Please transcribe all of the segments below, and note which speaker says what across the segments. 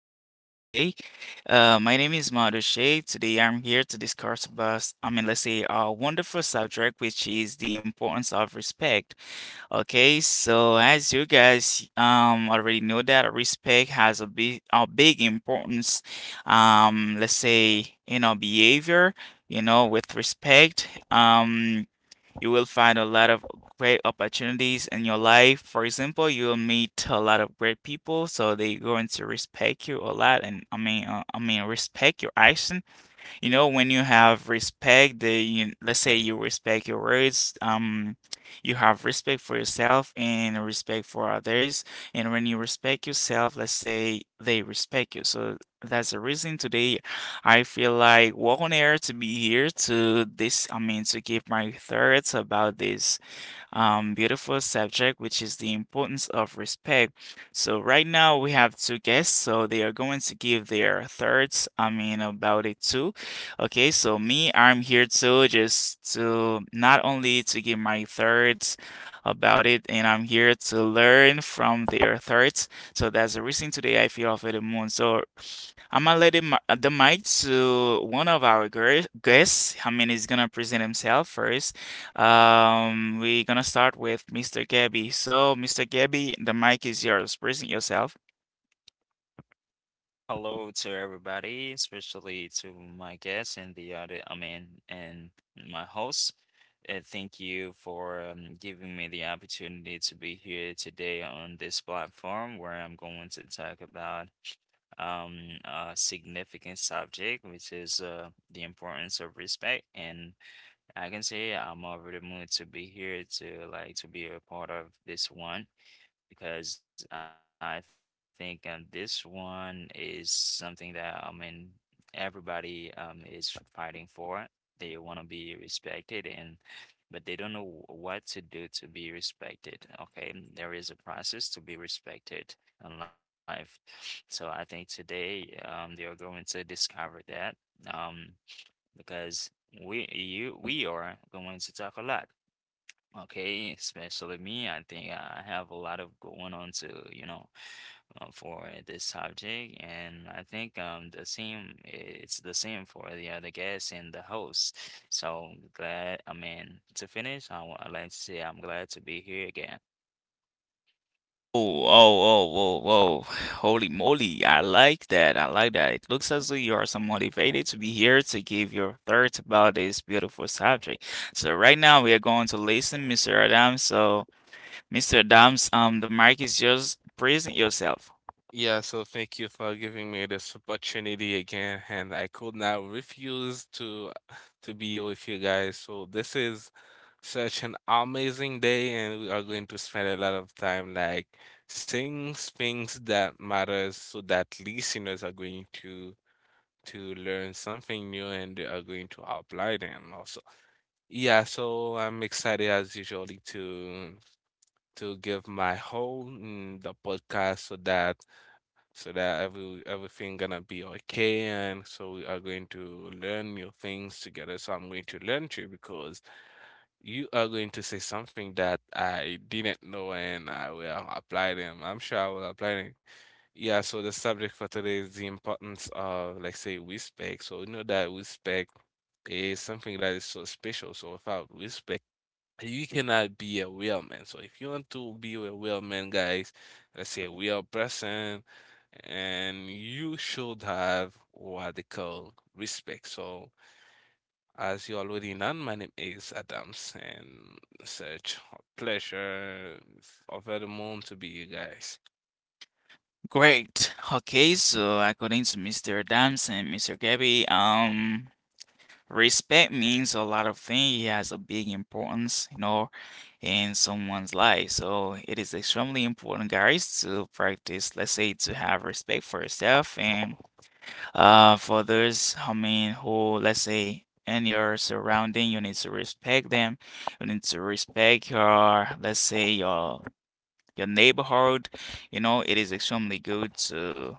Speaker 1: to be here today. My name is Madu Shea. Today, I'm here to discuss about, I mean, let's say, a wonderful subject, which is the importance of respect. Okay, so as you guys already know that respect has a big importance. Let's say in our behavior. You know, with respect. You will find a lot of great opportunities in your life. For example, you will meet a lot of great people, so they're going to respect you a lot, and I mean, respect your actions, you know, when you have respect, let's say you respect your words, you have respect for yourself and respect for others. And when you respect yourself, let's say they respect you. So that's the reason today I feel like well on air to be here to I mean, to give my thoughts about this beautiful subject, which is the importance of respect. So, right now we have two guests, so they are going to give their thoughts, I mean, about it too. Okay, so me, I'm here too, just to not only to give my thoughts about it, and I'm here to learn from their thoughts. So, that's the reason today I feel off at the moon. So, I'm gonna let him, the mic to one of our guests. I mean, he's gonna present himself first. We're gonna start with Mr. Gabby. So, Mr. Gabby, the mic is yours. Present yourself.
Speaker 2: Hello to everybody, especially to my guests and the other, I mean, and my host. Thank you for giving me the opportunity to be here today on this platform where I'm going to talk about a significant subject, which is the importance of respect. And I can say I'm over the mood to be here to like to be a part of this one because I think this one is something that everybody is fighting for. They want to be respected and but they don't know what to do to be respected. Okay, there is a process to be respected in life. So I think today they are going to discover that, um, because we are going to talk a lot. Okay, especially me, I think I have a lot of going on to, for this subject, and I think the same, it's the same for the other guests and the host. So glad, to finish, I'd like to say I'm glad to be here again.
Speaker 1: Oh, oh, oh, whoa, whoa. Holy moly. I like that. I like that. It looks as though you are so motivated to be here to give your thoughts about this beautiful subject. So right now we are going to listen, Mr. Adams. So Mr. Adams, the mic is yours. Present yourself.
Speaker 3: Yeah, so thank you for giving me this opportunity again, and I could not refuse to be with you guys. So this is such an amazing day, and we are going to spend a lot of time like saying things that matters, so that listeners are going to learn something new and they are going to apply them also. Yeah, so I'm excited as usually to give my whole in the podcast so that so that everything gonna be okay, and so we are going to learn new things together, so I'm going to learn to you because you are going to say something that I didn't know, and I will apply them. I'm sure I will apply them. Yeah, so the subject for today is the importance of, like, say, respect. So you know that respect is something that is so special. So without respect you cannot be a real man. So if you want to be a real man, guys, let's say a real person, and you should have what they call respect. So as you already know, my name is Adams, and such a pleasure, over the moon to be you guys.
Speaker 1: Great. Okay, so according to Mr. Adams and Mr. Gabby, respect means a lot of things. It has a big importance, you know, in someone's life. So it is extremely important, guys, to practice, let's say, to have respect for yourself and for others, I mean, who, let's say, in your surrounding, you need to respect them. You need to respect your, let's say, your neighborhood. You know, it is extremely good to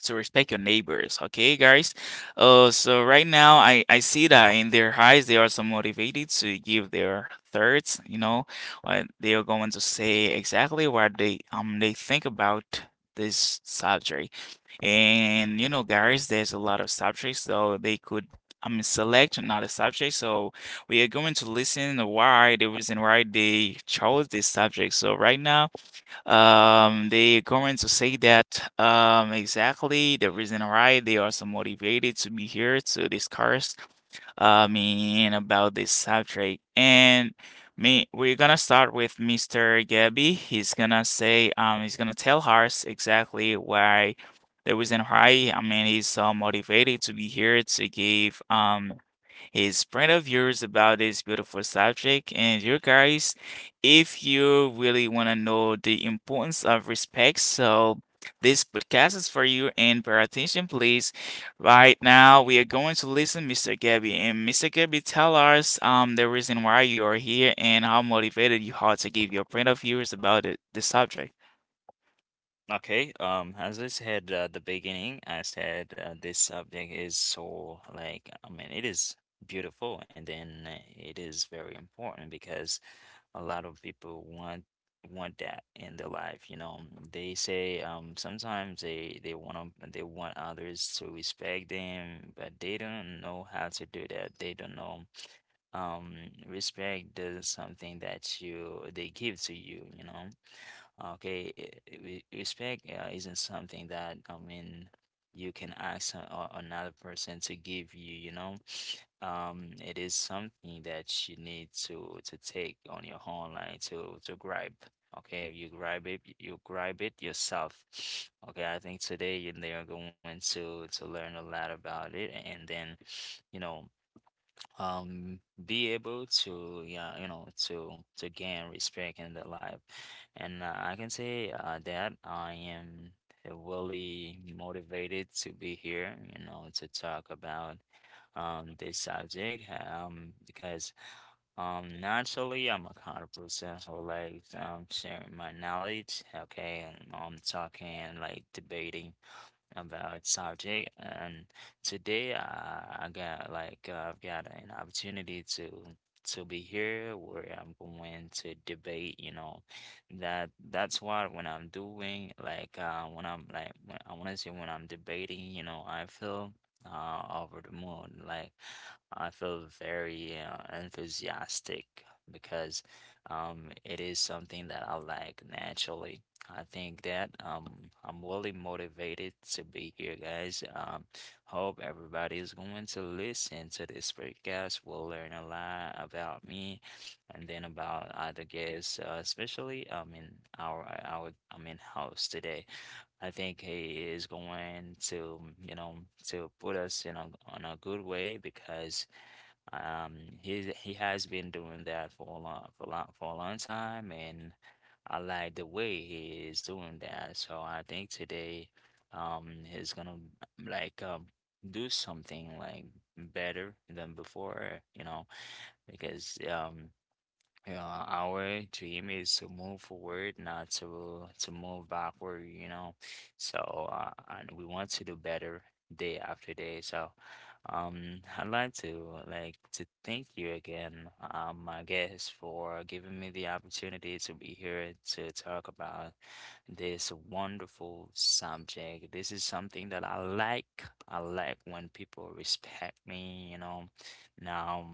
Speaker 1: so respect your neighbors, okay guys. So right now I see that in their eyes they are so motivated to give their thoughts, you know, what they are going to say, exactly what they think about this subject. And you know guys, there's a lot of subjects, so they could, I mean, select another subject. So we are going to listen why the reason why they chose this subject. So right now, they're going to say that, exactly the reason why they are so motivated to be here to discuss, mean about this subject. And me, we're gonna start with Mr. Gabby. He's gonna say, he's gonna tell us exactly why the reason why, I mean, he's so motivated to be here to give his friend of yours about this beautiful subject. And you guys, if you really want to know the importance of respect, so this podcast is for you. And pay attention, please. Right now, we are going to listen, Mr. Gabby, and Mr. Gabby, tell us the reason why you are here and how motivated you are to give your point of views about it, the subject.
Speaker 2: Okay, as I said at the beginning, I said this subject is so like, it is beautiful, and then it is very important because a lot of people want that in their life, you know. They say sometimes they want to they want others to respect them, but they don't know how to do that. They don't know, um respect is something that you they give to you, you know. Okay, respect isn't something that you can ask another person to give you, you know. It is something that you need to take on your own, like to grab. Okay, you grab it yourself. Okay, I think today they are going to learn a lot about it, and then, you know, um be able to, yeah, you know, to gain respect in the life. And I can say that I am really motivated to be here, you know, to talk about this subject, because naturally I'm a kind of person who likes sharing my knowledge. Okay, and I'm talking like debating about subject. And today I got like, I've got an opportunity to be here where I'm going to debate, you know. That's what when I'm doing like, when I'm like when, I want to say, when I'm debating, you know, I feel over the moon. Like I feel very enthusiastic because it is something that I like naturally. I think that I'm really motivated to be here, guys. Hope everybody is going to listen to this podcast. We'll learn a lot about me, and then about other guests, especially our host today. I think he is going to, you know, to put us in a, on a good way because, um, he has been doing that for a long, for a long, for a long time, and I like the way he is doing that. So I think today, he's gonna like, do something like better than before, you know, because, yeah, our dream is to move forward, not to move backward, you know. So, and we want to do better day after day. So, I'd like to thank you again, I guess, for giving me the opportunity to be here to talk about this wonderful subject. This is something that I like. I like when people respect me, you know. Now.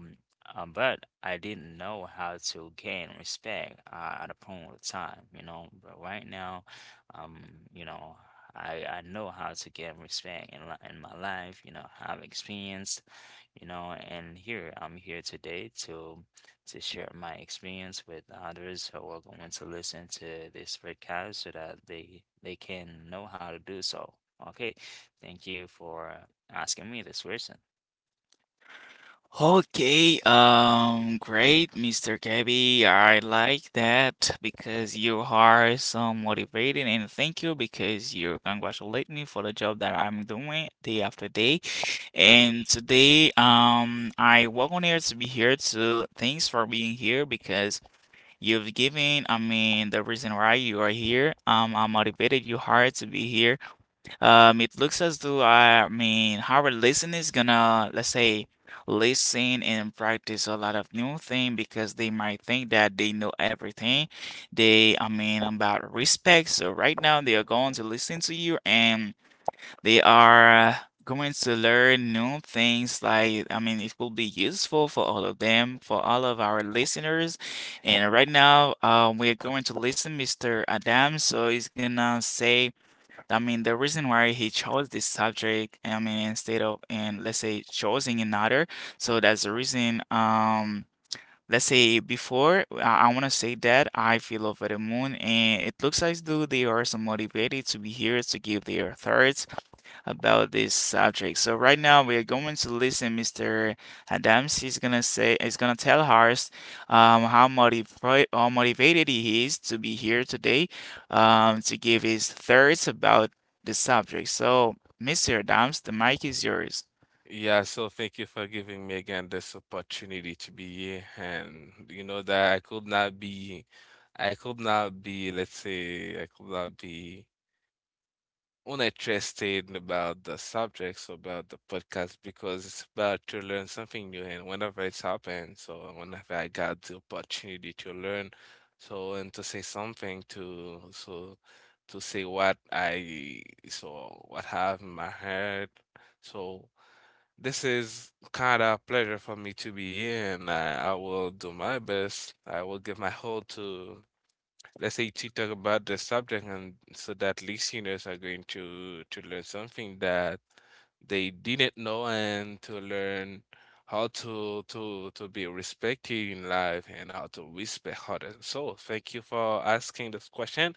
Speaker 2: But I didn't know how to gain respect at a point of time, you know. But right now, um, you know, I know how to gain respect in my life. You know, I've experienced, you know, and here I'm here today to share my experience with others who are going to listen to this podcast so that they can know how to do so. Okay, thank you for asking me this question.
Speaker 1: Okay, great, Mr. Gabby. I like that because you are so motivating, and thank you because you congratulate me for the job that I'm doing day after day. And today, I welcome here to be here too. Thanks for being here because you've given, I mean, the reason why you are here. I motivated you hard to be here. It looks as though, I mean, our listener is gonna, let's say, listen and practice a lot of new thing because they might think that they know everything. They, I mean, about respect. So right now they are going to listen to you and they are going to learn new things, like, I mean, it will be useful for all of them, for all of our listeners. And right now we're going to listen Mr. Adam, so he's gonna say, I mean, the reason why he chose this subject, I mean, instead of, and let's say, choosing another, so that's the reason. Let's say before, I want to say that I feel over the moon, and it looks as though they are so motivated to be here to give their thoughts about this subject. So right now we are going to listen Mr. Adams. He's gonna say, he's gonna tell us how how motivated he is to be here today, to give his thoughts about the subject. So Mr. Adams, the mic is yours.
Speaker 3: Yeah, so thank you for giving me again this opportunity to be here. And you know that I could not be, I could not be, let's say, I could not be uninterested about the subjects, about the podcast, because it's about to learn something new. And whenever it's happened, so whenever I got the opportunity to learn, so and to say something to, so to say what I, so what have in my head. So this is kind of a pleasure for me to be in. I will do my best. I will give my whole to, let's say, to talk about the subject, and so that listeners are going to learn something that they didn't know, and to learn how to be respected in life and how to respect others. So thank you for asking this question,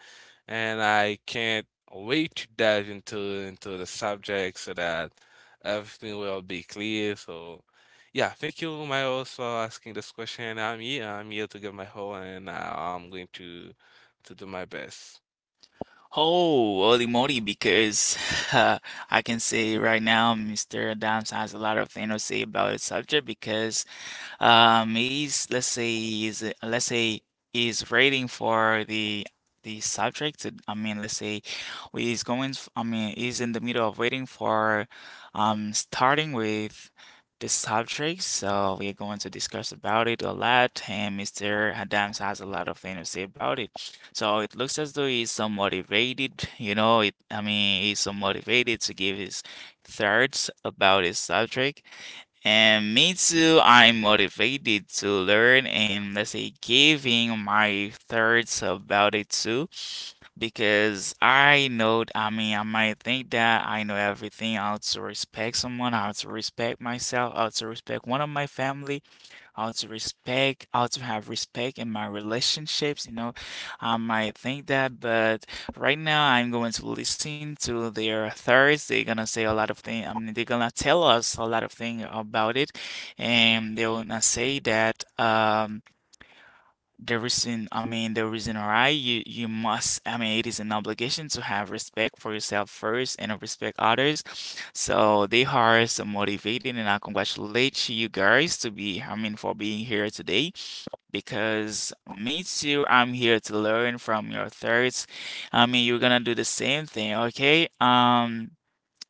Speaker 3: and I can't wait to dive into the subject so that everything will be clear. So yeah, thank you, Miles, for asking this question. I'm here. I'm here to give my whole, and I'm going to do my best.
Speaker 1: Oh, holy moly, because uh, I can say right now, Mr. Adams has a lot of things to say about the subject because, is, let's say is let's say is waiting for the subject. I mean, let's say he's going. I mean, is in the middle of waiting for starting with the subject. So we're going to discuss about it a lot, and Mr. Adams has a lot of things to say about it. So it looks as though he's so motivated. You know, it. I mean, he's so motivated to give his thoughts about his subject. And me too, I'm motivated to learn and, let's say, giving my thoughts about it too, because I know, I mean, I might think that I know everything, how to respect someone, how to respect myself, how to respect one of my family, how to respect, how to have respect in my relationships. You know, I might think that, but right now I'm going to listen to their thoughts. They're gonna say a lot of things. I mean, they're gonna tell us a lot of things about it, and they're gonna say that the reason, I mean, the reason why you must, I mean, it is an obligation to have respect for yourself first and respect others. So they are so motivating, and I congratulate you guys to be, I mean, for being here today. Because me too, I'm here to learn from your thirds. I mean, you're gonna do the same thing, okay?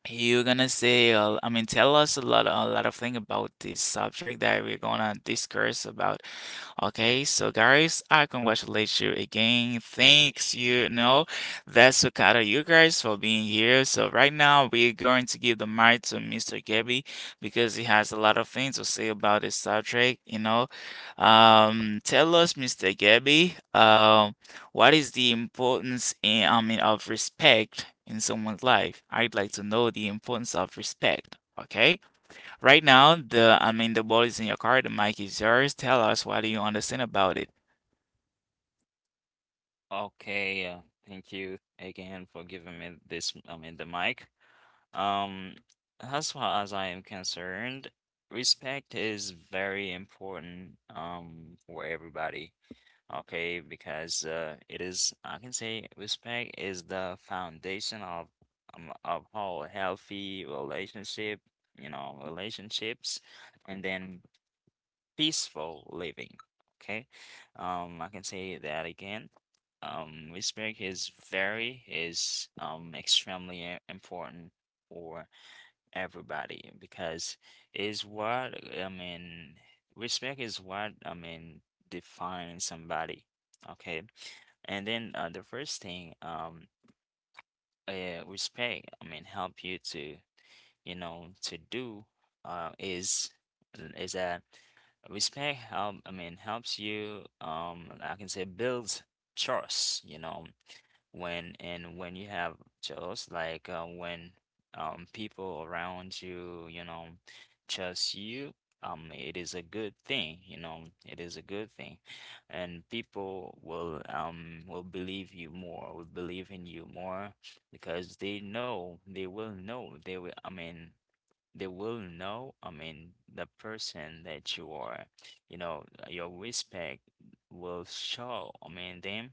Speaker 1: You're gonna say, I mean, tell us a lot of thing about this subject that we're gonna discuss about. Okay, so guys, I congratulate you again. Thanks, you know, that's Okada you guys for being here. So right now we're going to give the mic to Mr. Gabby because he has a lot of things to say about this subject, you know. Tell us Mr. Gabby, what is the importance in, I mean, of respect in someone's life? I'd like to know the importance of respect. Okay? Right now, the I mean, the ball is in your car, the mic is yours. Tell us, what do you understand about it?
Speaker 2: Okay, thank you again for giving me this, the mic. Um, as far as I am concerned, respect is very important for everybody. Okay, because it is, I can say respect is the foundation of, of all healthy relationship, you know, relationships, and then peaceful living. Okay, I can say that again. Respect is extremely important for everybody because is what I mean. Respect is what defines somebody. Okay, and then the first thing, respect help you to, you know, to do uh, is is that respect help, helps you, I can say, builds trust, you know, when and when you have trust, like, when people around you, you know, trust you, it is a good thing, you know, it is a good thing. And people will believe you more, will believe in you more because they know, they will know, they will know, the person that you are, you know. Your respect will show, them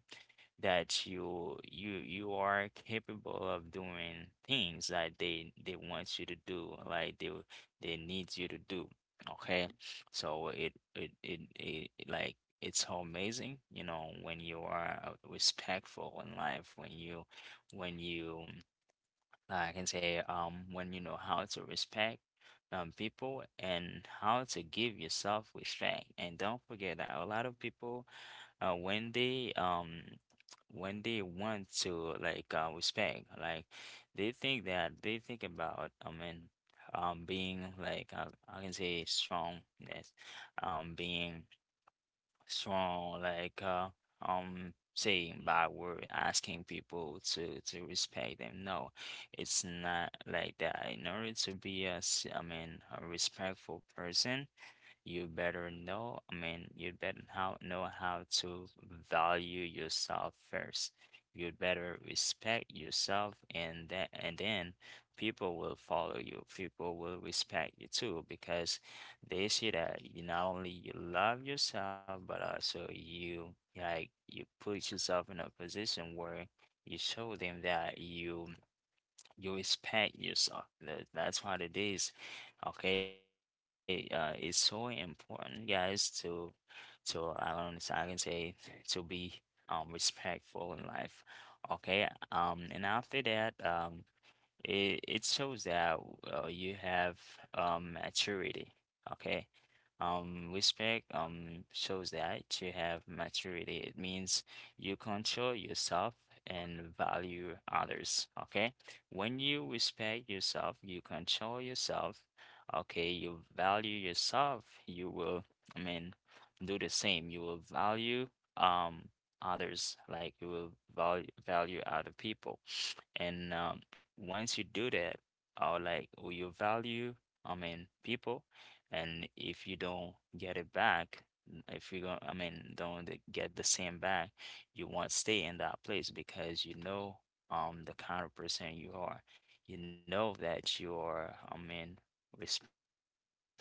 Speaker 2: that you are capable of doing things that they want you to do, like they need you to do. Okay. So it like it's so amazing, you know, when you are, respectful in life, when you when you I can say, when you know how to respect people and how to give yourself respect. And don't forget that a lot of people uh when they um when they want to like, respect, like they think that they think about, being like, I can say, strongness, being strong like, saying bad word, asking people to respect them. No, it's not like that. In order to be a s- I mean a respectful person, you better know, you better how know how to value yourself first. You better respect yourself, and that and then people will follow you. People will respect you too because they see that you not only you love yourself but also you like you put yourself in a position where you show them that you respect yourself. That's what it is. Okay, it's so important, guys, to I don't I can say to be respectful in life. Okay, and after that, it it shows that you have maturity. Okay. Respect shows that you have maturity. It means you control yourself and value others. Okay. When you respect yourself, you control yourself. Okay, you value yourself. You will, I mean, do the same. You will value um others, like you will value other people. And once you do that, like you value, people, and if you don't get it back, if you don't, don't get the same back, you won't stay in that place because you know the kind of person you are. You know that you are, respectful. You know,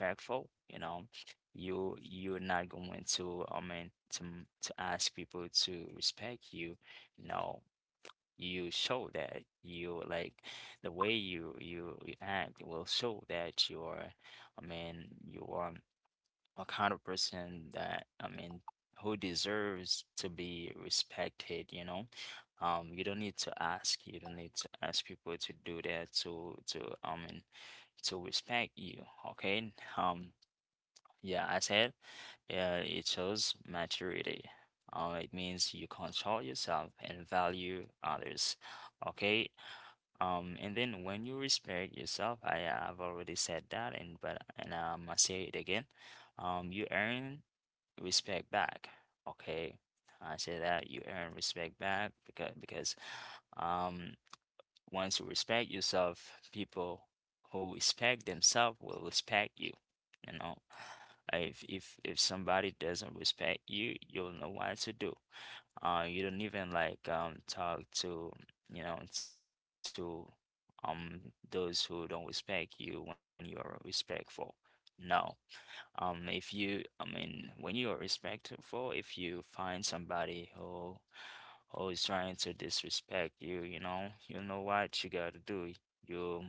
Speaker 2: you're not going to, to ask people to respect you. No, you show that you like the way you act will show that you're, you are, a kind of person that, who deserves to be respected, you know. Um, you don't need to ask, you don't need to ask people to do that, to I mean to respect you. Okay. Um, yeah, I said, it shows maturity. It means you control yourself and value others. Okay. And then when you respect yourself, I have already said that, and but and I'm gonna say it again. You earn respect back. Okay. I say that you earn respect back because. Um, once you respect yourself, people who respect themselves will respect you. You know, if somebody doesn't respect you, you'll know what to do. You don't even like talk to, you know, to um those who don't respect you when you are respectful. No. If you, when you are respectful, if you find somebody who is trying to disrespect you, you know what you gotta do. You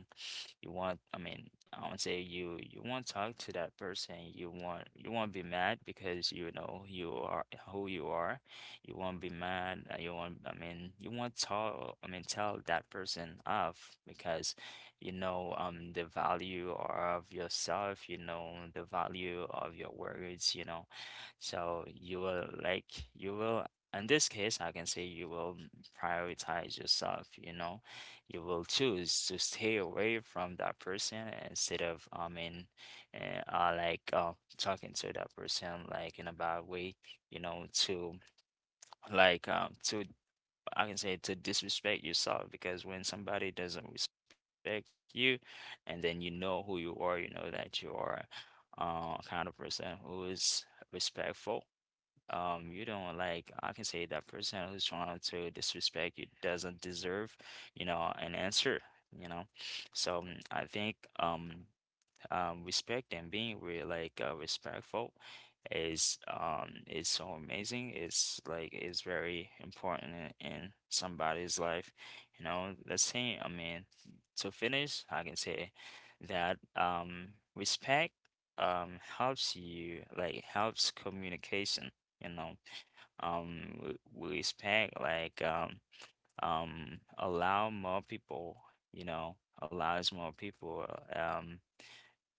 Speaker 2: you want, I would say you won't talk to that person. You won't be mad because you know you are who you are. You won't be mad. You won't, you won't tell, tell that person off because you know the value of yourself. You know the value of your words. You know, so you will, in this case, I can say you will prioritize yourself, you know. You will choose to stay away from that person instead of, uh, uh, like uh, talking to that person like in a bad way, you know to like to I can say, to disrespect yourself. Because when somebody doesn't respect you, and then you know who you are, you know that you are a kind of person who is respectful. You don't, like, I can say that person who's trying to disrespect you doesn't deserve, you know, an answer, you know. So I think respect and being re like respectful is so amazing. It's it's very important in somebody's life. You know, let's say, I mean, to finish, I can say that respect helps you, helps communication. You know, Respect, allow more people. You know, allows more people um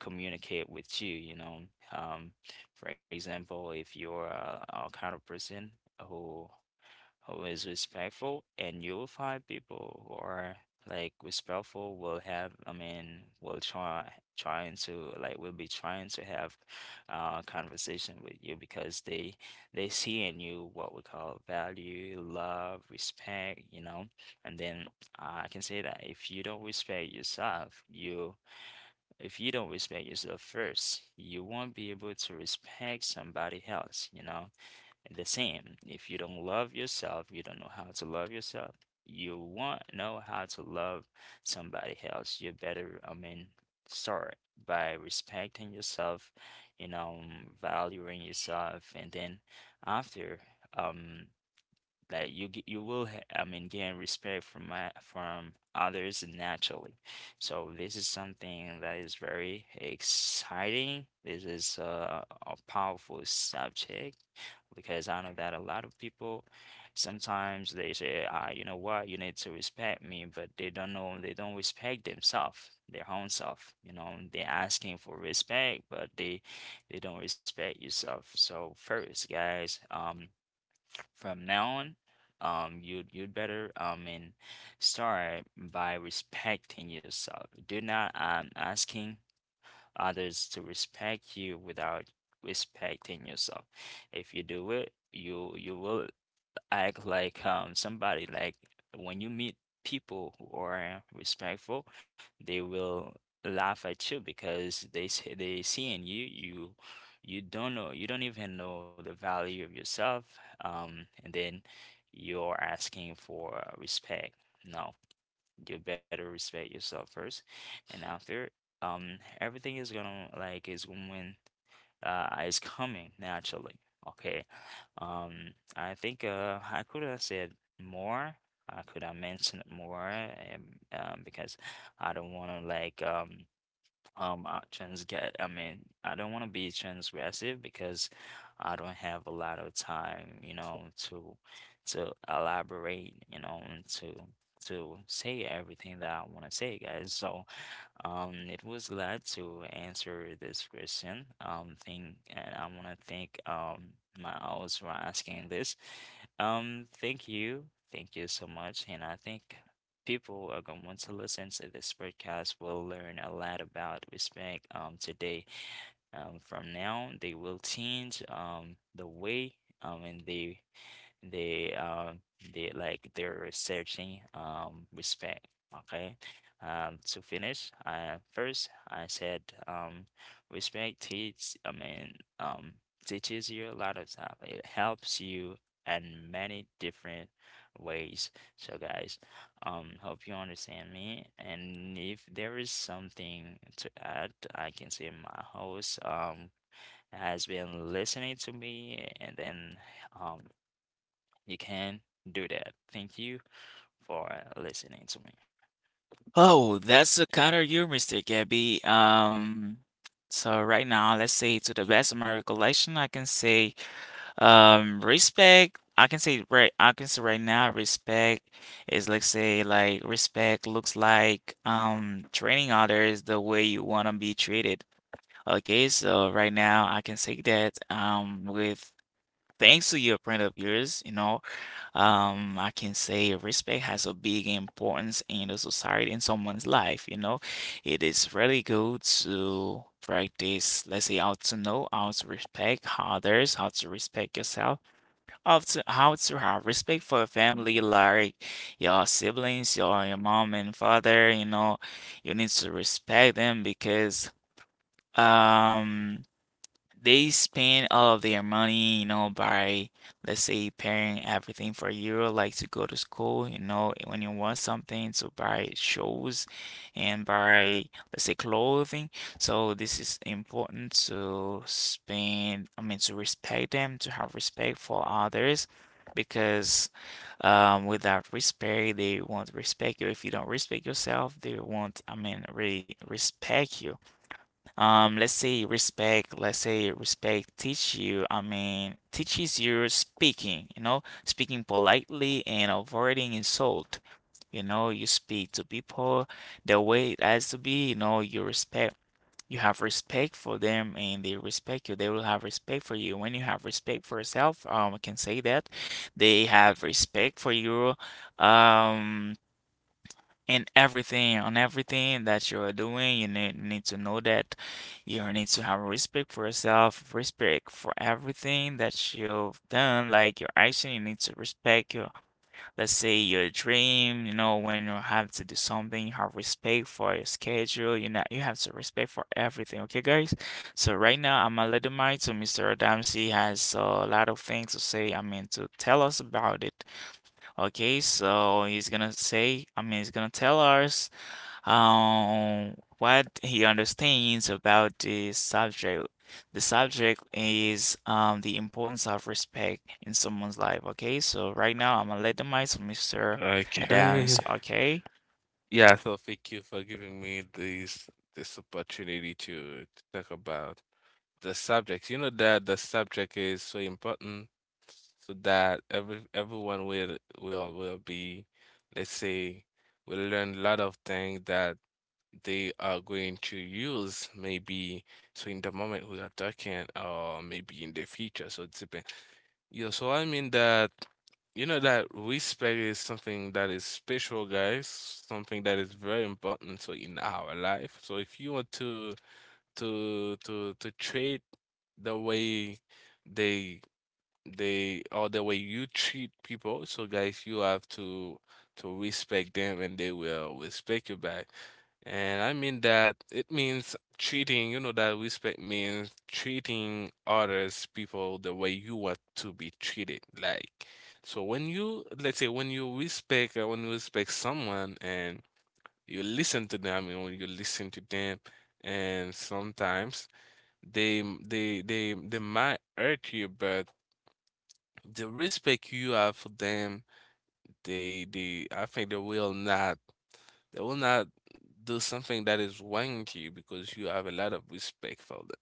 Speaker 2: communicate with you, you know. Um, for example, if you're a kind of person who who is respectful, and you will find people who are like respectful will have, I mean will try, trying to, like will be trying to have conversation with you, because they see in you what we call value, love, respect, you know. And then I can say that if you don't respect yourself, you, if you don't respect yourself first, you won't be able to respect somebody else, you know? And the same, if you don't love yourself, you don't know how to love yourself, you won't know how to love somebody else. You better, I mean, start by respecting yourself, you know, valuing yourself, and then after, um, you get you will ha- I mean gain respect from my from others naturally. So this is something that is very exciting. This is a powerful subject, because I know that a lot of people sometimes they say, ah, you know what, you need to respect me, but they don't know, they don't respect themselves, their own self. You know, they're asking for respect, but they don't respect yourself. So first, guys, from now on, you'd you'd better and start by respecting yourself. Do not asking others to respect you without respecting yourself. If you do it, you will act like somebody, like when you meet people who are respectful, they will laugh at you because they see in you you don't know, you don't even know the value of yourself, and then you're asking for respect. No, you better respect yourself first, and after, everything is gonna, is going, is coming naturally. Okay. I think I could have said more. I could have mentioned more, because I don't want to, like trans get. I mean, I don't want to be transgressive, because I don't have a lot of time, you know, to elaborate, you know, and to say everything that I want to say, guys. So it was glad to answer this question. And I want to thank my host for asking this. Um, thank you, thank you so much, and I think people are going to listen to this podcast will learn a lot about respect. Today, from now they will change the way and they um they like they're researching respect. Okay. To finish, first I said, respect teach, I mean teaches you a lot of stuff. It helps you in many different ways. So guys, hope you understand me, and if there is something to add, I can say my host has been listening to me, and then um you can do that. Thank you for listening to me.
Speaker 1: Oh, that's a counter you, Mr. Gabby. So right now, let's say to the best of my recollection, I can say respect. I can say right now respect is, like respect looks like treating others the way you wanna be treated. Okay, so right now I can say that with thanks to your friend of yours, you know, I can say respect has a big importance in the society in someone's life, you know. It is really good to practice, let's say how to know how to respect others, how to respect yourself, how to have respect for your family, like your siblings, your mom and father, you know, you need to respect them because um they spend all of their money, you know, by, let's say, paying everything for you, like to go to school, you know, when you want something, to buy shoes and buy, let's say, clothing. So this is important to spend, I mean, to respect them, to have respect for others. Because without respect, they won't respect you. If you don't respect yourself, they won't, I mean, re respect you. Let's say respect, let's say respect teach you, I mean, teaches you speaking, you know, speaking politely and avoiding insult. You know, you speak to people the way it has to be, you know, you respect, you have respect for them and they respect you. They will have respect for you. When you have respect for yourself, I can say that they have respect for you. Um, in everything, on everything that you are doing, you need to know that you need to have respect for yourself, respect for everything that you've done, like your action. You need to respect your, let's say, your dream. You know, when you have to do something, you have respect for your schedule. You know, you have to respect for everything. Okay, guys. So right now, I'm a little mind to Mr. Adams. Has a lot of things to say. To tell us about it. Okay, so he's gonna say, he's gonna tell us what he understands about the subject. The subject is the importance of respect in someone's life. Okay, so right now I'm gonna let the mic to Mr.
Speaker 3: Okay.
Speaker 1: Adams. Okay.
Speaker 3: Yeah, so thank you for giving me this this opportunity to talk about the subject. You know that the subject is so important so that everyone will be, let's say, will learn a lot of things that they are going to use, maybe so in the moment we are talking, or maybe in the future. So it depends. Yeah, so I mean that you know that respect is something that is special, guys. Something that is very important so in our life. So if you want to to treat the way they they or the way you treat people. So guys, you have to respect them and they will respect you back. And I mean that it means treating, you know, that respect means treating others, people, the way you want to be treated. Like, so when you, let's say, when you respect someone and you listen to them, and when you listen to them, and sometimes they might hurt you, but the respect you have for them, they I think they will not do something that is wrong to you because you have a lot of respect for them.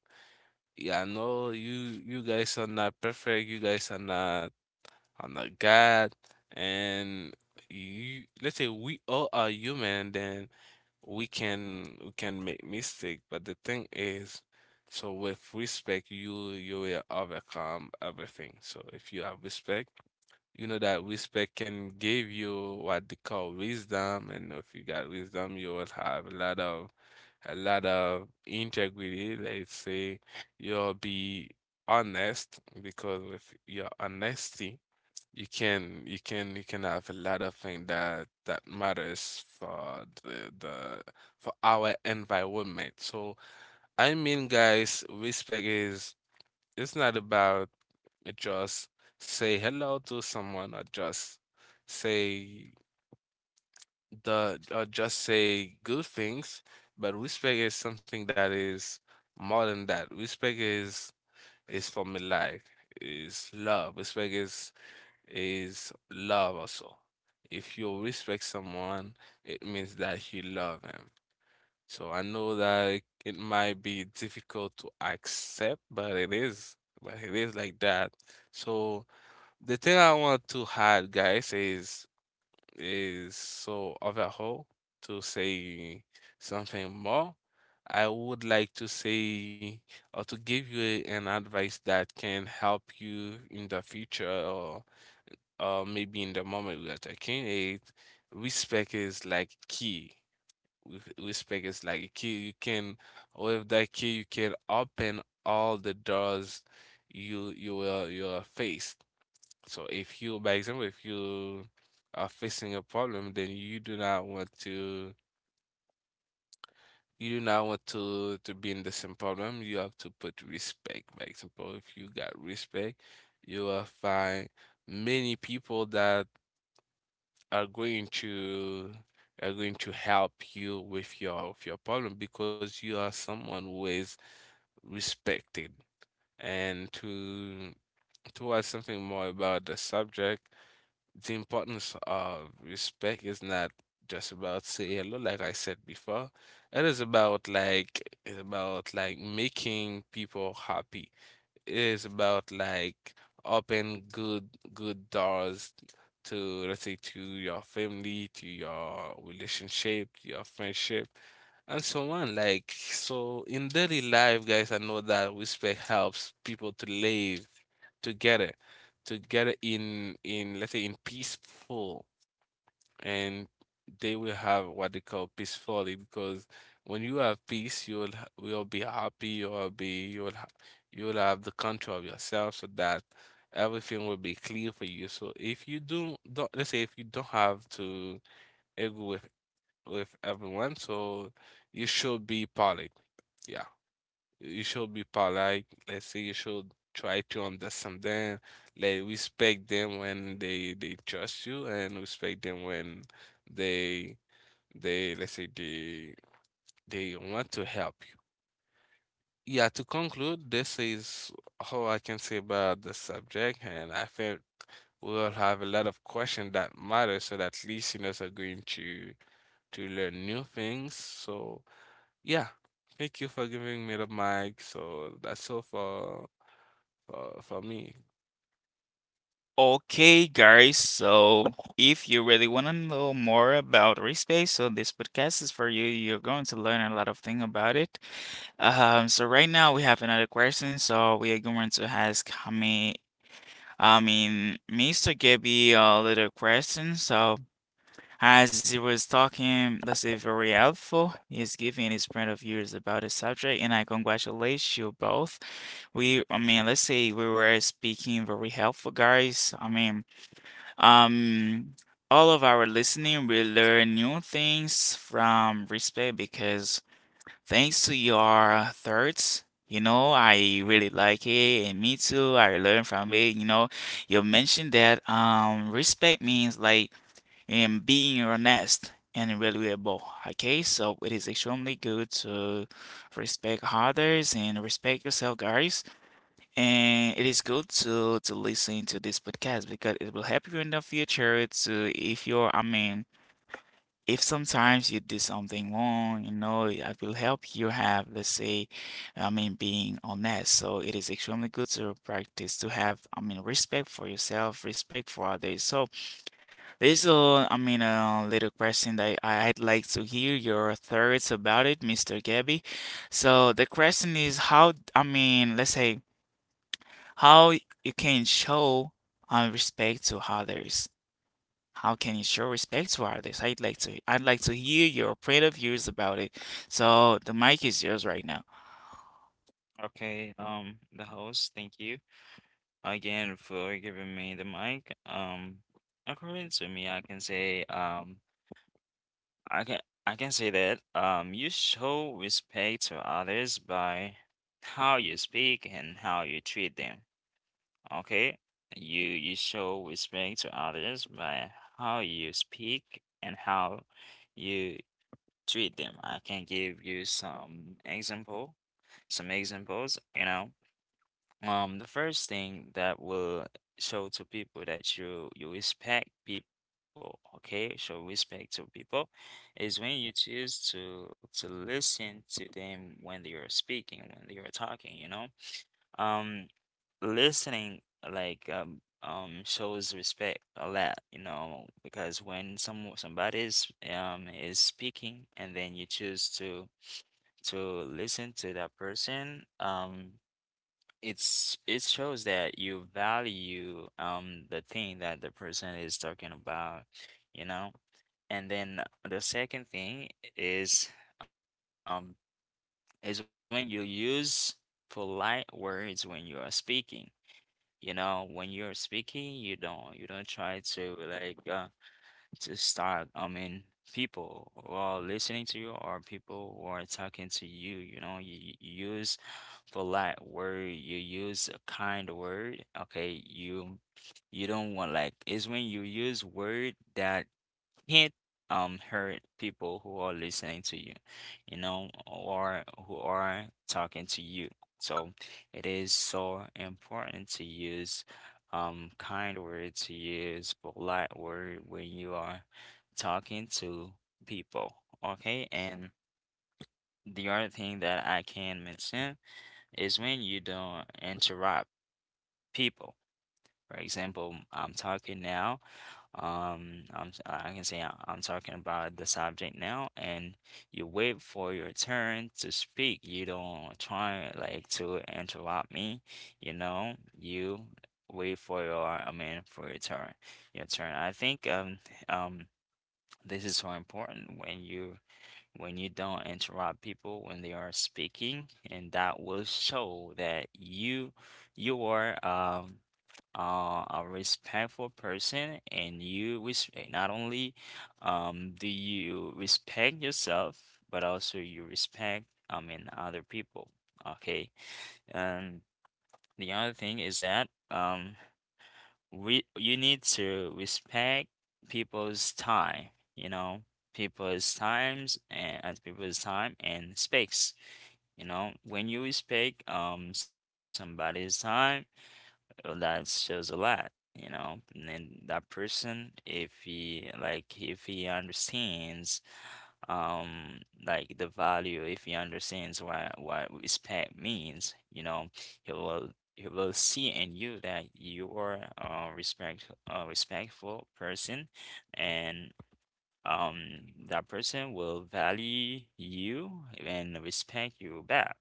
Speaker 3: Yeah, I know you guys are not perfect, you guys are not God, and you, let's say, we all are human, then we can make mistake. But the thing is, so with respect, you will overcome everything. So if you have respect, you know that respect can give you what they call wisdom, and if you got wisdom, you will have a lot of integrity. Let's say you'll be honest, because with your honesty, you can have a lot of things that that matters for the for our environment. So I mean, guys, respect is it's not about just say hello to someone, or just say the, or just say good things, but respect is something that is more than that. Respect is for me life, is love. Respect is love also. If you respect someone, it means that you love him. So I know that it might be difficult to accept, but it is like that. So the thing I want to add, guys, is so overall, to say something more. I would like to say or to give you a- an advice that can help you in the future, or maybe in the moment we are taking it. Respect is like key. Respect is like a key. You can with that key you can open all the doors you you will you are faced. So if you, by example, if you are facing a problem, then you do not want to you do not want to be in the same problem. You have to put respect. By example, if you got respect, you will find many people that are going to are going to help you with your problem because you are someone who is respected. And to add something more about the subject, the importance of respect is not just about say hello, like I said before. It is about, like, it's about, like, making people happy, is about, like, open good good doors to, let's say, to your family, to your relationship, to your friendship, and so on. Like, so in daily life, guys, I know that respect helps people to live together, together in, let's say, in peaceful, and they will have what they call peacefully. Because when you have peace you will ha- will be happy, you will be, you will ha, you will have the control of yourself so that everything will be clear for you. So if you do don't, let's say, if you don't have to agree with everyone, so you should be polite. Yeah, you should be polite, let's say. You should try to understand them, like respect them when they trust you, and respect them when they they, let's say, they want to help you. Yeah, to conclude, this is all I can say about the subject, and I think we'll have a lot of questions that matter so that listeners are going to learn new things. So yeah, thank you for giving me the mic. So that's all for me.
Speaker 1: Okay, guys, so if you really want to know more about respect, so this podcast is for you. You're going to learn a lot of things about it. So right now we have another question. So we are going to ask how many Mr. gave me a little question, so as he was talking, let's say very helpful. He's giving his point of views about the subject, and I congratulate you both. We, let's say we were speaking very helpful, guys. Um, all of our listening, we learn new things from respect because thanks to your thoughts, you know, I really like it, and me too. I learned from it. You know, you mentioned that respect means like and being honest and reliable. Okay, so it is extremely good to respect others and respect yourself, guys. And it is good to listen to this podcast because it will help you in the future to if you're, if sometimes you do something wrong, you know, I will help you have, let's say, being honest. So it is extremely good to practice to have, respect for yourself, respect for others. So there's a, a little question that I'd like to hear your thoughts about it, Mr. Gabby. So the question is how, let's say, how you can show respect to others. How can you show respect to artists? I'd like to hear your point of views about it. So the mic is yours right now.
Speaker 2: Okay, the host, thank you again for giving me the mic. According to me, I can say, I can I can say that you show respect to others by how you speak and how you treat them. Okay? You show respect to others by how you speak and how you treat them. I can give you some example, some examples, you know. The first thing that will show to people that you respect people, okay? Show respect to people is when you choose to listen to them when they are speaking, when they are talking, you know? Um, listening shows respect a lot, you know, because when somebody is speaking, and then you choose to listen to that person, it shows that you value the thing that the person is talking about, you know? And then the second thing is um is when you use polite words when you are speaking. You know, when you're speaking, you don't try to, to start, I mean, people who are listening to you or people who are talking to you, you know, you use polite word, you use a kind word, okay? You don't want, like, it's when you use word that can't hurt people who are listening to you, you know, or who are talking to you. So it is so important to use kind words, to use polite word when you are talking to people. Okay, and the other thing that I can mention is when you don't interrupt people. For example, I'm talking now. I can say I'm talking about the subject now, and you wait for your turn to speak. You don't try like to interrupt me, you know. You wait for your, I mean, for your turn, your turn. I think um this is so important, when you don't interrupt people when they are speaking, and that will show that you are a respectful person, and you respect not only do you respect yourself, but also you respect, I mean, other people. Okay. And the other thing is that we you need to respect people's time, you know, people's time and space. You know, when you respect somebody's time, that shows a lot, you know. And then that person, if he understands like the value if he understands what respect means, you know, he will he will see in you that you are a respectful person, and um that person will value you and respect you back.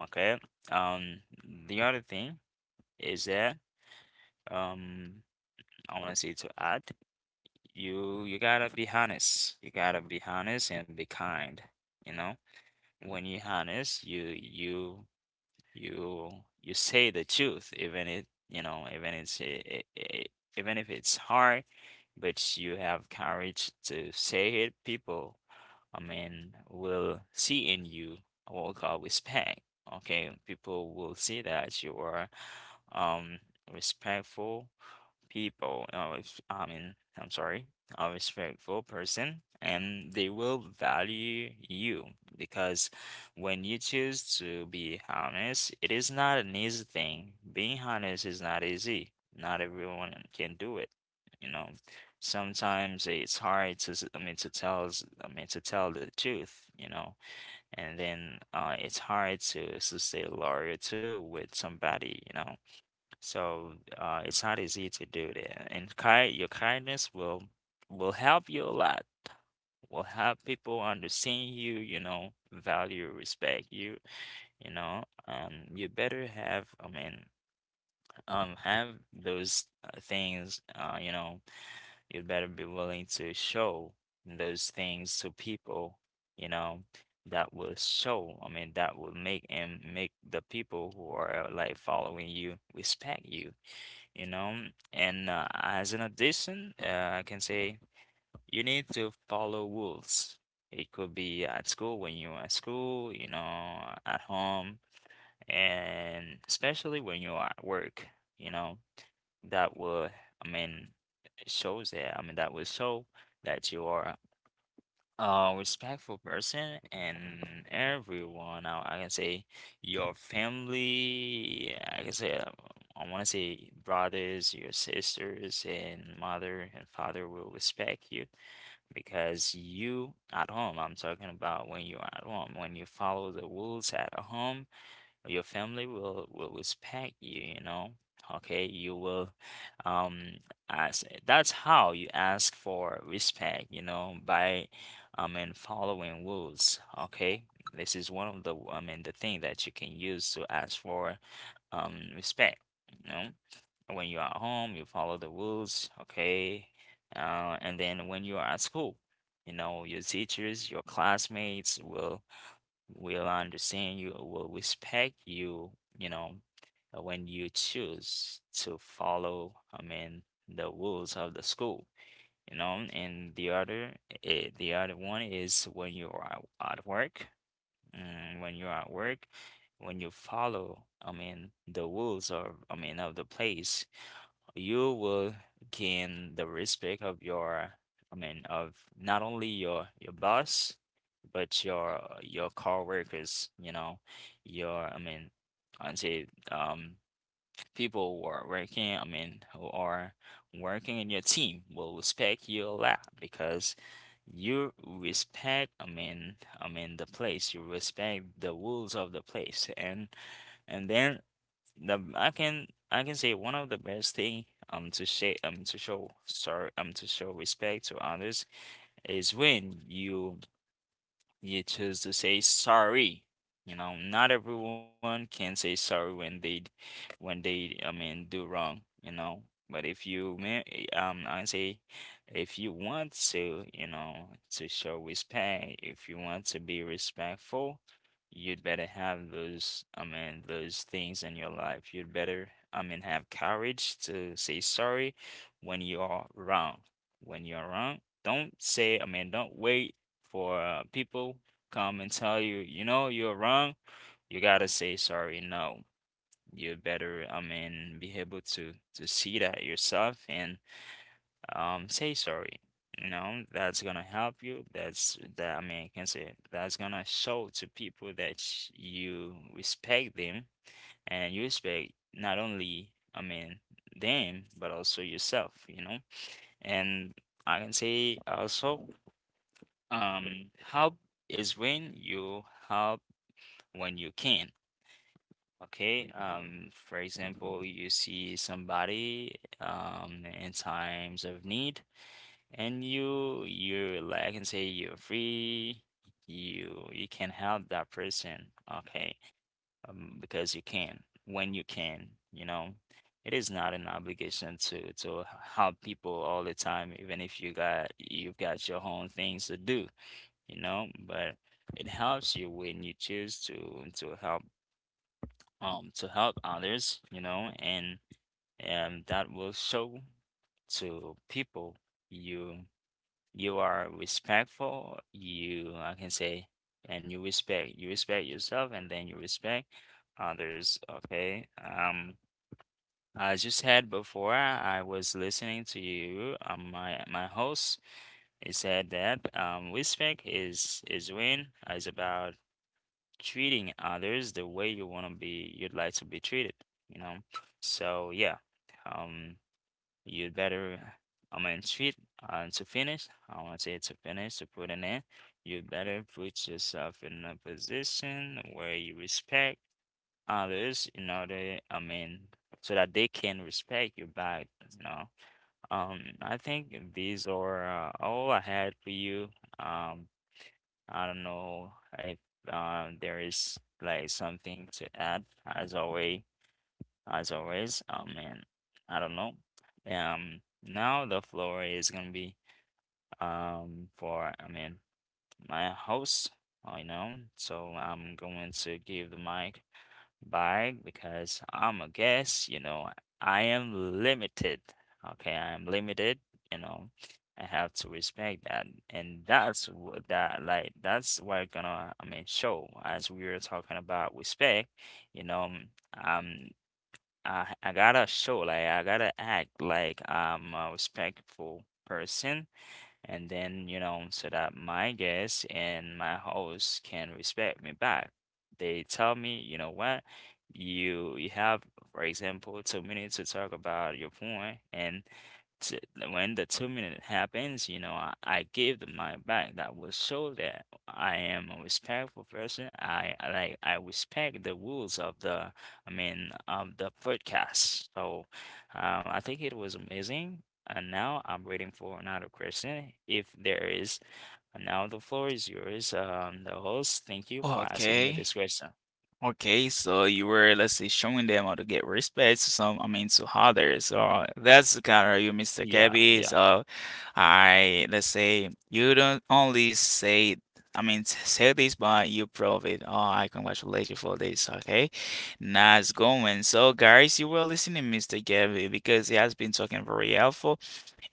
Speaker 2: Okay. um the other thing is that um I want to say, to add, you gotta be honest, you gotta be honest and be kind, you know. When you're honest, you you say the truth, even it you know, even it's it, it, even if it's hard, but you have courage to say it. People, I mean, will see in you what we call respect. Okay, people will see that you are um respectful people if I mean I'm sorry, a respectful person, and they will value you. Because when you choose to be honest, it is not an easy thing. Being honest is not easy. Not everyone can do it, you know. Sometimes it's hard to to tell, to tell the truth, you know. And then it's hard to stay loyal to with somebody, you know. So it's not easy to do that, and kind your kindness will help you a lot. Will help people understand you, you know, value, respect you, you know. You better have, I mean, have those things. You know, you better be willing to show those things to people. You know, that will show. I mean, that will make the people who are like following you respect you, you know. And as an addition, I can say you need to follow rules. It could be at school, when you're at school, you know, at home, and especially when you're at work, you know, that will, I mean, it shows that, I mean, that will show that you are a respectful person, and everyone, I can say your family, I can say, I want to say brothers, your sisters and mother and father will respect you, because you at home, I'm talking about when you're at home, when you follow the rules at home, your family will respect you, you know. Okay, you will um ask that's how you ask for respect, you know, by I mean following rules. Okay. This is one of the, I mean, the thing that you can use to ask for respect, you know, when you are at home, you follow the rules, okay? And then when you are at school, you know, your teachers, your classmates will understand you, will respect you, you know, when you choose to follow, I mean, the rules of the school, you know, and the other, the other one is when you're at work, when you're at work, when you follow, I mean, the rules of, I mean, of the place, you will gain the respect of your, I mean, of not only your boss, but your coworkers, you know, your, I mean, I'd say people who are working, I mean, who are working in your team will respect you a lot, because you respect, I mean the place, you respect the rules of the place, and then the I can say, one of the best thing, to say, to show sorry, to show respect to others, is when you choose to say sorry. You know, not everyone can say sorry when they, I mean, do wrong. You know, but if you, ma- I say, if you want to, you know, to show respect, if you want to be respectful, you'd better have those, I mean, those things in your life. You'd better, I mean, have courage to say sorry when you are wrong. When you're wrong, don't say, I mean, don't wait for people come and tell you, you know, you're wrong, you gotta say sorry. No, you better, I mean, be able to see that yourself and say sorry. You know, that's gonna help you. That's that I mean, I can say that's gonna show to people you respect them, and you respect not only, I mean, them, but also yourself, you know. And I can say also, help is when you help when you can. Okay. For example, you see somebody in times of need, and you like and say you're free. You can help that person. Okay. Because you can when you can. You know, it is not an obligation to help people all the time, even if you've got your own things to do, you know, but it helps you when you choose to help, to help others, you know, and that will show to people you you are respectful, you I can say, and you respect yourself, and then you respect others, okay? As you said before, I was listening to you, my host, he said that, respect is when is about treating others the way you'd like to be treated, you know. So yeah, um you'd better, I mean, treat, and to finish, I want to say, to finish, to put an end, you better put yourself in a position where you respect others, in order, I mean, so that they can respect you back, you know. I think these are, all I had for you. um I don't know if there is like something to add, as always, as always. And I don't know. Now the floor is gonna be, for, I mean, my host, I know. So I'm going to give the mic back, because I'm a guest, you know. I am limited. Okay, I am limited, you know. I have to respect that. And that's what, that's what gonna, I mean, show, as we were talking about respect, you know. Um I I gotta show, like, I gotta act like I'm a respectful person, and then, you know, so that my guests and my hosts can respect me back. They tell me, you know what, you have, for example, 2 minutes to talk about your point, t- when the 2 minute happens, you know, I give them my back. That will show that I am a respectful person. I respect the rules of the, I mean, of the podcast. So, I think it was amazing. And now I'm waiting for another question, if there is. And now the floor is yours. The host, thank you for asking me
Speaker 1: Okay.
Speaker 2: this question.
Speaker 1: Okay, so you were let's say showing them how to get respect to some to others. So that's kind of you, Mr.
Speaker 2: Yeah,
Speaker 1: Gabby.
Speaker 2: yeah.
Speaker 1: So I let's say you don't only say say this but you prove it. Oh, I congratulate you for this, okay? Nice going. So guys, you were listening Mr. Gabby because he has been talking very helpful.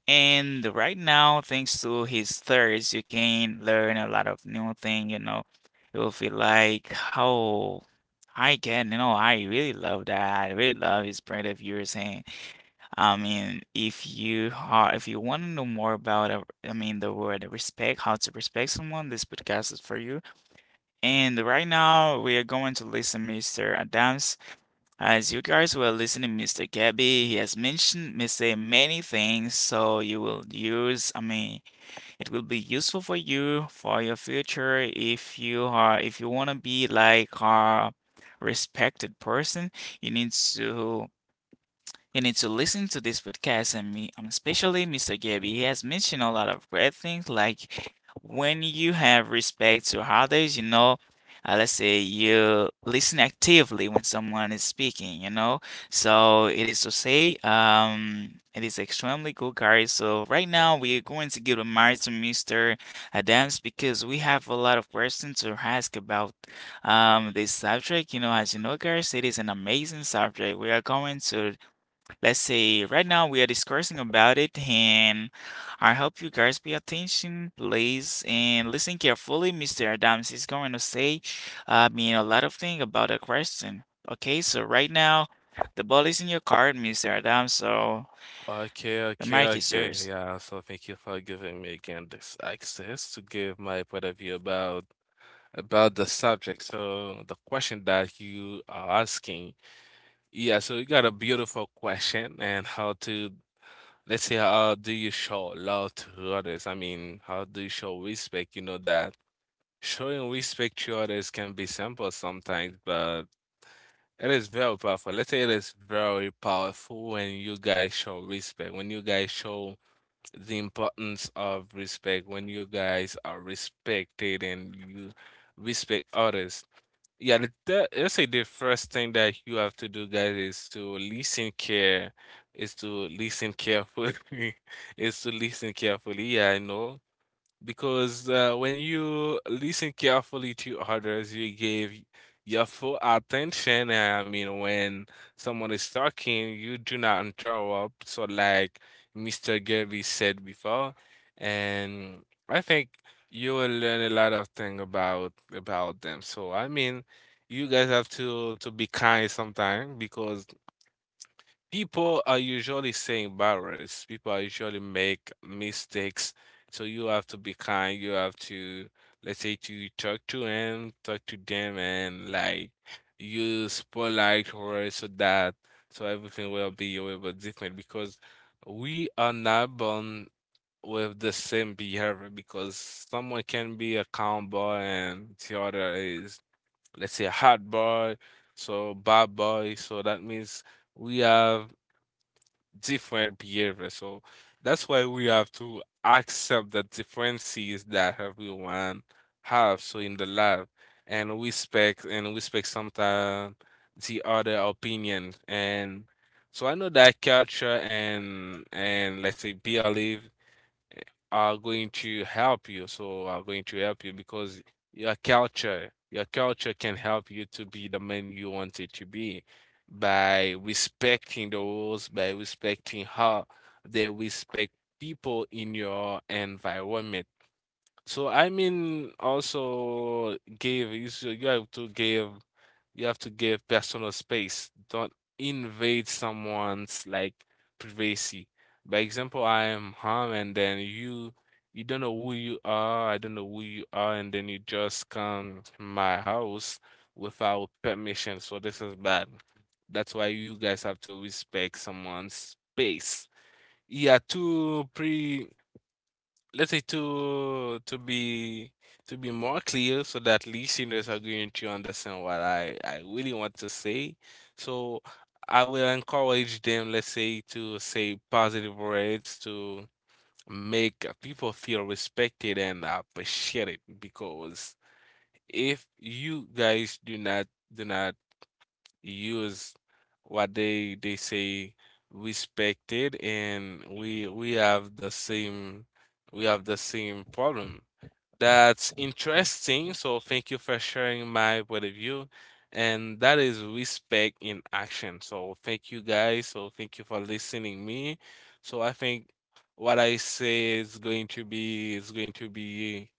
Speaker 1: And right now, thanks to his thirst, you can learn a lot of new thing, you know. You'll feel like, oh, I can, you know, I really love that. I really love his brand of yours. And if you are, if you want to know more about, the word respect, how to respect someone, this podcast is for you. And right now, we are going to listen, Mr. Adams. As you guys were listening, Mr. Gabby, he has mentioned Mr. many things, so you will use, it will be useful for you for your future if you are if you want to be like a respected person, you need to listen to this podcast and me, especially Mr. Gabby. He has mentioned a lot of great things, like when you have respect to others, you know, let's say you listen actively when someone is speaking, you know. So it is to say, it is extremely cool, guys. So right now we are going to give the mic to Mr. Adams because we have a lot of questions to ask about this subject. You know, as you know, guys, it is an amazing subject. We are going to, let's say right now we are discussing about it, and I hope you guys pay attention, please, and listen carefully. Mr. Adams is going to say, a lot of things about the question. Okay, so right now, the ball is in your card, Mr. Adams, so
Speaker 3: Okay,
Speaker 1: the
Speaker 3: okay,
Speaker 1: mic is
Speaker 3: okay.
Speaker 1: yours.
Speaker 3: Yeah, so thank you for giving me again this access to give my point of view about the subject. So the question that you are asking, yeah, so you got a beautiful question, and how to, let's say, how do you show love to others? I mean, how do you show respect? You know that showing respect to others can be simple sometimes, but it is very powerful. Let's say it is very powerful when you guys show respect, when you guys show the importance of respect, when you guys are respected and you respect others. Yeah, let's say, the first thing that you have to do, guys, is to listen care, is to listen carefully, is to listen carefully. Yeah, I know, because when you listen carefully to others, you give your full attention. I mean, when someone is talking, you do not interrupt. So, like Mr. Gabby said before, and I think you will learn a lot of things about them. So, I mean, you guys have to be kind sometimes, because people are usually saying barriers. People are usually make mistakes. So you have to be kind. You have to, let's say, to talk to him, talk to them, and like use polite words so that so everything will be a little bit different, because we are not born with the same behavior, because someone can be a calm boy and the other is, let's say, a hot boy, so bad boy. So that means we have different behavior. So that's why we have to accept the differences that everyone have so in the life, and respect, and respect sometimes the other opinion. And so I know that culture and, let's say, belief are going to help you, so are going to help you, because your culture can help you to be the man you wanted to be, by respecting the rules, by respecting how they respect people in your environment. So I mean also give you s- you have to give personal space. Don't invade someone's like privacy. By example, I am home, and then you don't know who you are, I don't know who you are, and then you just come to my house without permission. So this is bad. That's why you guys have to respect someone's space. Yeah, two pre let's say to be more clear so that listeners are going to understand what I really want to say. So I will encourage them, let's say, to say positive words to make people feel respected and appreciated because if you guys do not use what they say respected, and we have the same we have the same problem. That's interesting. So thank you for sharing my point of view. And that is respect in action. So thank you guys. So thank you for listening me. So I think what I say is going to be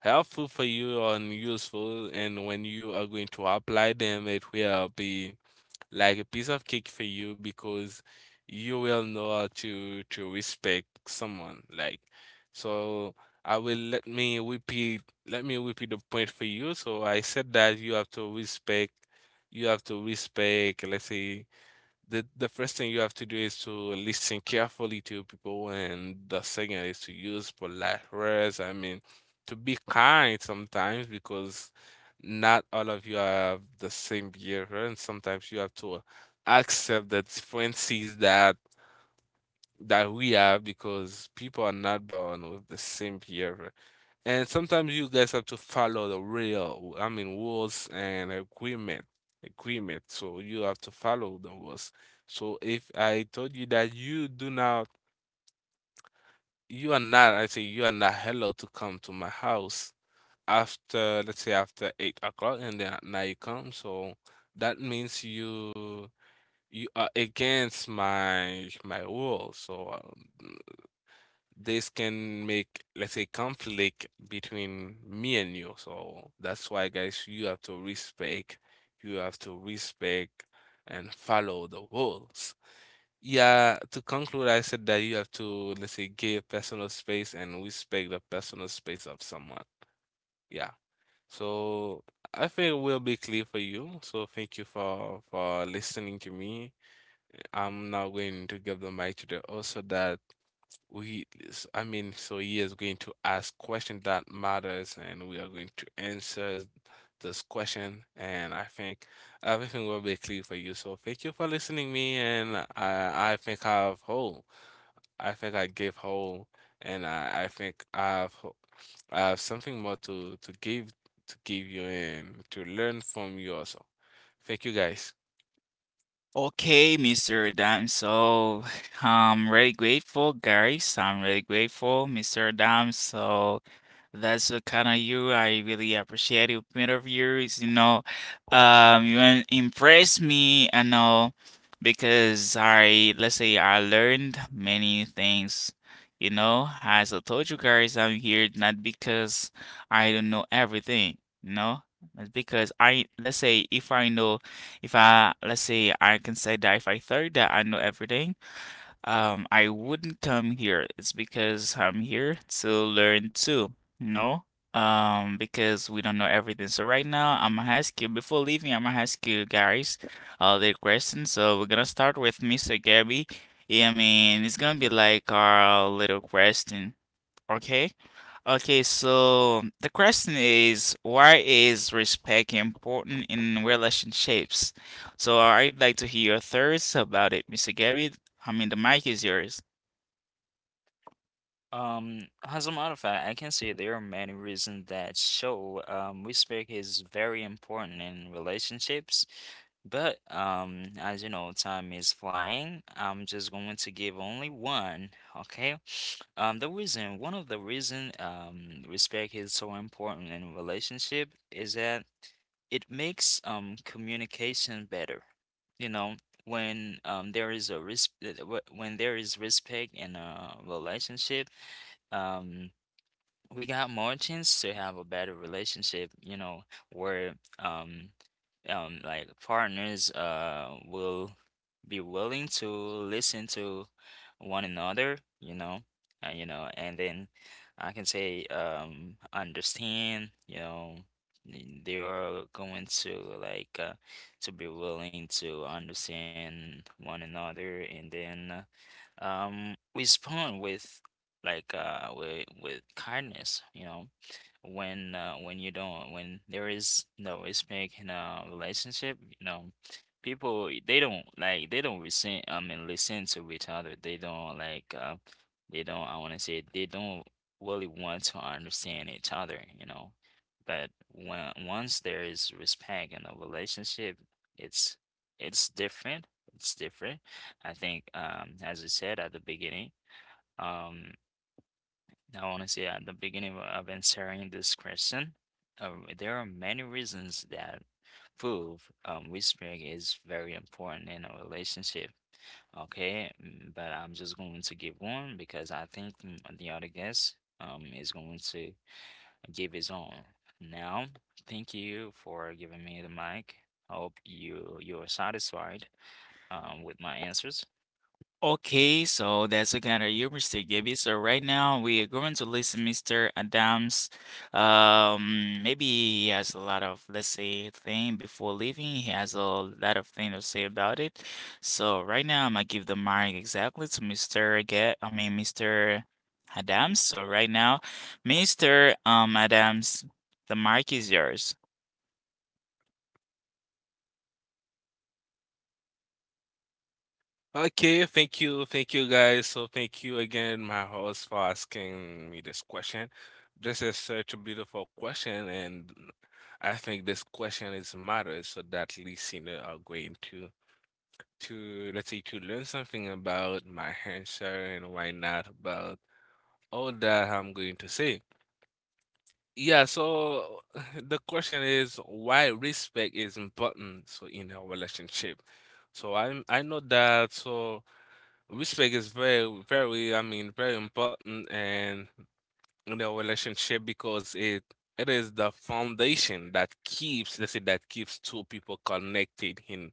Speaker 3: helpful for you and useful. And when you are going to apply them, it will be like a piece of cake for you because you will know how to respect someone, like. So I will let me repeat, the point for you. So I said that you have to respect, let's say, the first thing you have to do is to listen carefully to people, and the second is to use polite words. I mean, to be kind sometimes, because not all of you have the same behavior, and sometimes you have to accept the differences that we have, because people are not born with the same behavior. And sometimes you guys have to follow the real, I mean, rules and agreement, So you have to follow the rules. So if I told you that you do not, you are not, I say you are not allowed to come to my house after, let's say, after 8 o'clock, and then now you come. So that means you are against my rule. So um, this can make, let's say, conflict between me and you. So that's why, guys, you have to respect and follow the rules. Yeah, to conclude, I said that you have to, let's say, give personal space and respect the personal space of someone. Yeah. So I think we'll be clear for you. So thank you for listening to me. I'm now going to give the mic to the host, so that we s- I mean so he is going to ask question that matters, and we are going to answer this question. And I think everything will be clear for you. So thank you for listening me. And I think I gave whole. And I think I've ho- I have something more to give, to give you, and to learn from you also. Thank you guys.
Speaker 1: Okay, Mr. Adams, so I'm really grateful, guys. I'm really grateful, Mr. Adams. So that's the kind of you. I really appreciate your point of view. You know, impress me. I know because I let's say I learned many things. You know, as I told you guys, I'm here not because I don't know everything. You know, it's because I let's say if I know, if I let's say I can say that if I thought that I know everything. I wouldn't come here. It's because I'm here to learn too, no? Because we don't know everything. So right now, I'm gonna ask you before leaving, I'm gonna ask you guys all the questions. So we're gonna start with Mr. Gabby. Yeah, it's gonna be like our little question. Okay. Okay, so the question is why is respect important in relationships? So I'd like to hear your thoughts about it, Mr. Gabby. The mic is yours.
Speaker 2: As a matter of fact, I can say there are many reasons that show respect is very important in relationships. But, as you know, time is flying. I'm just going to give only one, okay? The reason, one of the reason, respect is so important in relationship, is that it makes communication better. You know, when there is a risk, when there is respect in a relationship, um we got more chance to have a better relationship, you know, where like partners will be willing to listen to one another, you know. You know, and then I can say, understand, you know. They are going to like, to be willing to understand one another, and then, respond with, like, with kindness, you know. When you don't when there is no respect in a relationship, you know, people, they don't like they don't listen, I mean, listen to each other. They don't like, they don't, I want to say, they don't really want to understand each other, you know. But when once there is respect in a relationship, it's it's different. It's different. I think, as I said at the beginning, um now, honestly, at the beginning of answering this question, uh, there are many reasons that prove whispering is very important in a relationship. Okay. But I'm just going to give one because I think, the other guest, is going to give his own. Now, thank you for giving me the mic. I hope you're satisfied, with my answers.
Speaker 1: Okay, so that's a kind of heuristic, baby. So right now we are going to listen Mr. Adams. Maybe he has a lot of, let's say, thing before leaving. He has a lot of thing to say about it. So right now I'm gonna give the mic exactly to Mr. Get, I mean Mr. Adams. So right now, Mr. Um Adams, the mic is yours.
Speaker 3: Okay, thank you guys. So thank you again, my host, for asking me this question. This is such a beautiful question, and I think this question is matters so that listener are going to let's say to learn something about my answer, and why not about all that I'm going to say. Yeah, so the question is why respect is important so in our relationship. So I know that. So respect is very, very, I mean, very important in a relationship because it is the foundation that keeps, let's say, that keeps two people connected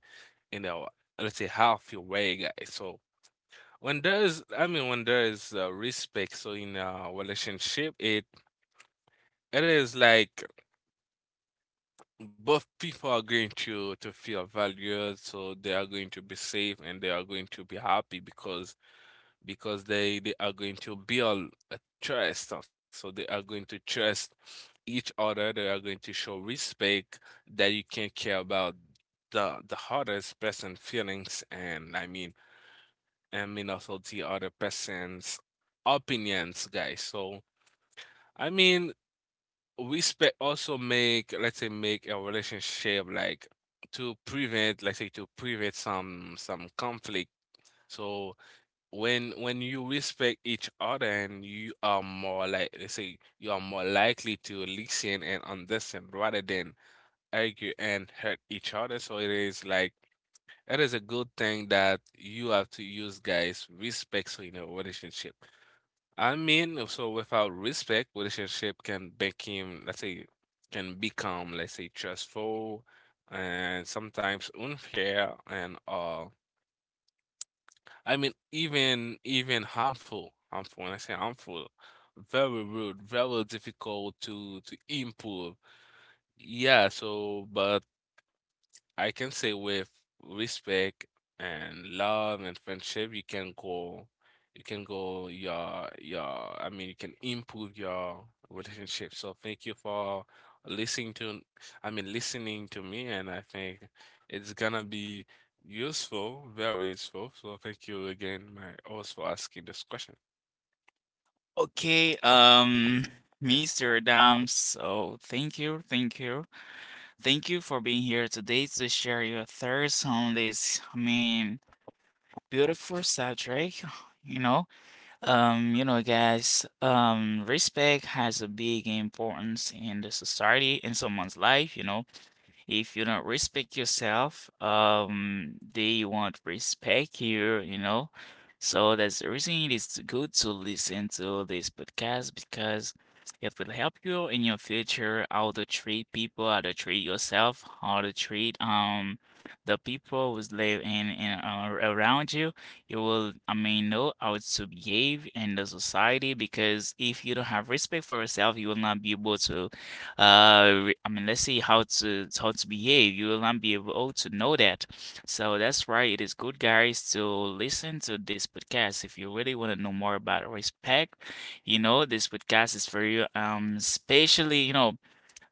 Speaker 3: in a, let's say, healthy way, guys. So when there is respect, so in a relationship, it is like both people are going to feel valued, so they are going to be safe and they are going to be happy because they are going to build a trust. So they are going to trust each other. They are going to show respect, that you can care about the hardest person's feelings, and I mean also the other person's opinions, guys. So I mean respect also make, let's say, make a relationship like to prevent, some conflict. So when you respect each other, and you are more, like, let's say, you are more likely to listen and understand rather than argue and hurt each other. So it is like it is a good thing that you have to use, guys, respect so in a relationship. I mean so without respect, relationship can become, let's say, trustful and sometimes unfair, and uh, I mean, even harmful, harmful. When I say harmful, very rude, very difficult to improve. Yeah. So, but I can say with respect and love and friendship, you can go your your. I mean, you can improve your relationship. So thank you for listening to, I mean, listening to me, and I think it's gonna be useful, very useful. So thank you again, my host, for asking this question.
Speaker 1: Okay, Mr. Adams. So thank you. Thank you for being here today to share your thoughts on this, beautiful subject. You know, guys, respect has a big importance in the society, in someone's life, you know. If you don't respect yourself, they won't respect you, you know. So that's the reason it is good to listen to this podcast because it will help you in your future how to treat people, how to treat yourself, how to treat the people who live in, around you. You will, know how to behave in the society because if you don't have respect for yourself, you will not be able to let's see how to behave. You will not be able to know that. So that's why it is good, guys, to listen to this podcast if you really want to know more about respect. You know, this podcast is for you. Especially you know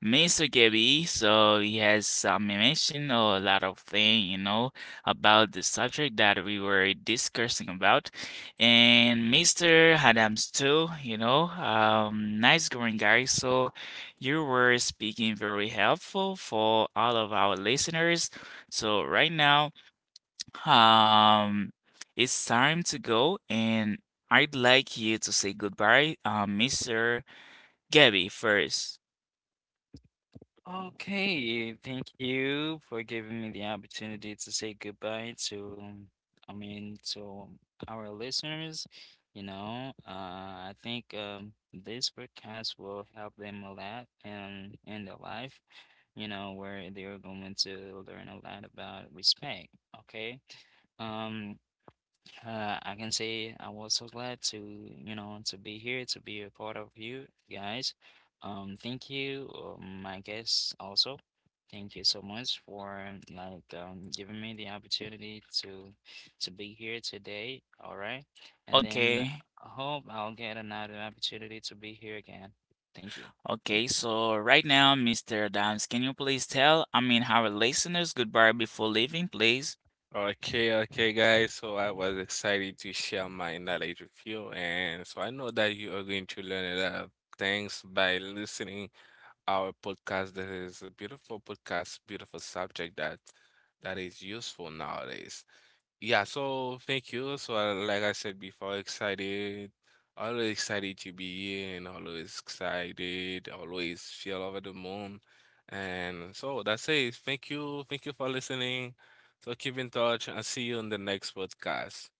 Speaker 1: Mr. Gabby, so he has some mention or a lot of thing, you know, about the subject that we were discussing about. And Mr. Adams too, you know, nice going guy. So you were speaking very helpful for all of our listeners. So right now, um, it's time to go, and I'd like you to say goodbye, Mr. Gabby first.
Speaker 2: Okay, thank you for giving me the opportunity to say goodbye to, I mean, to our listeners. You know, I think, this podcast will help them a lot and in their life, you know, where they are going to learn a lot about respect. Okay. Um, I can say I was so glad to, you know, to be here, to be a part of you guys. Thank you, my guests also. Thank you so much for, like, giving me the opportunity to be here today. All right. And then
Speaker 1: Okay.
Speaker 2: I hope I'll get another opportunity to be here again. Thank you.
Speaker 1: Okay, so right now, Mr. Adams, can you please tell, our listeners goodbye before leaving, please?
Speaker 3: Okay, okay, guys. So I was excited to share my knowledge with you, and so I know that you are going to learn a lot of things by listening our podcast. That is a beautiful podcast, beautiful subject that is useful nowadays. Yeah, so thank you. So, like I said before, excited, always excited to be here, and always excited, always feel over the moon. And so that's it. Thank you. Thank you for listening. So keep in touch and see you in the next podcast.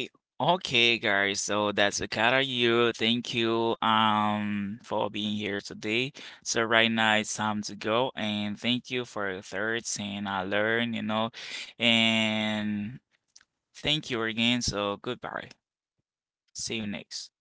Speaker 1: Eh, Okay, guys, so that's Akata you. Thank you for being here today. So right now it's time to go and thank you for the thirds and I learn, you know, and thank you again. So goodbye. See you next.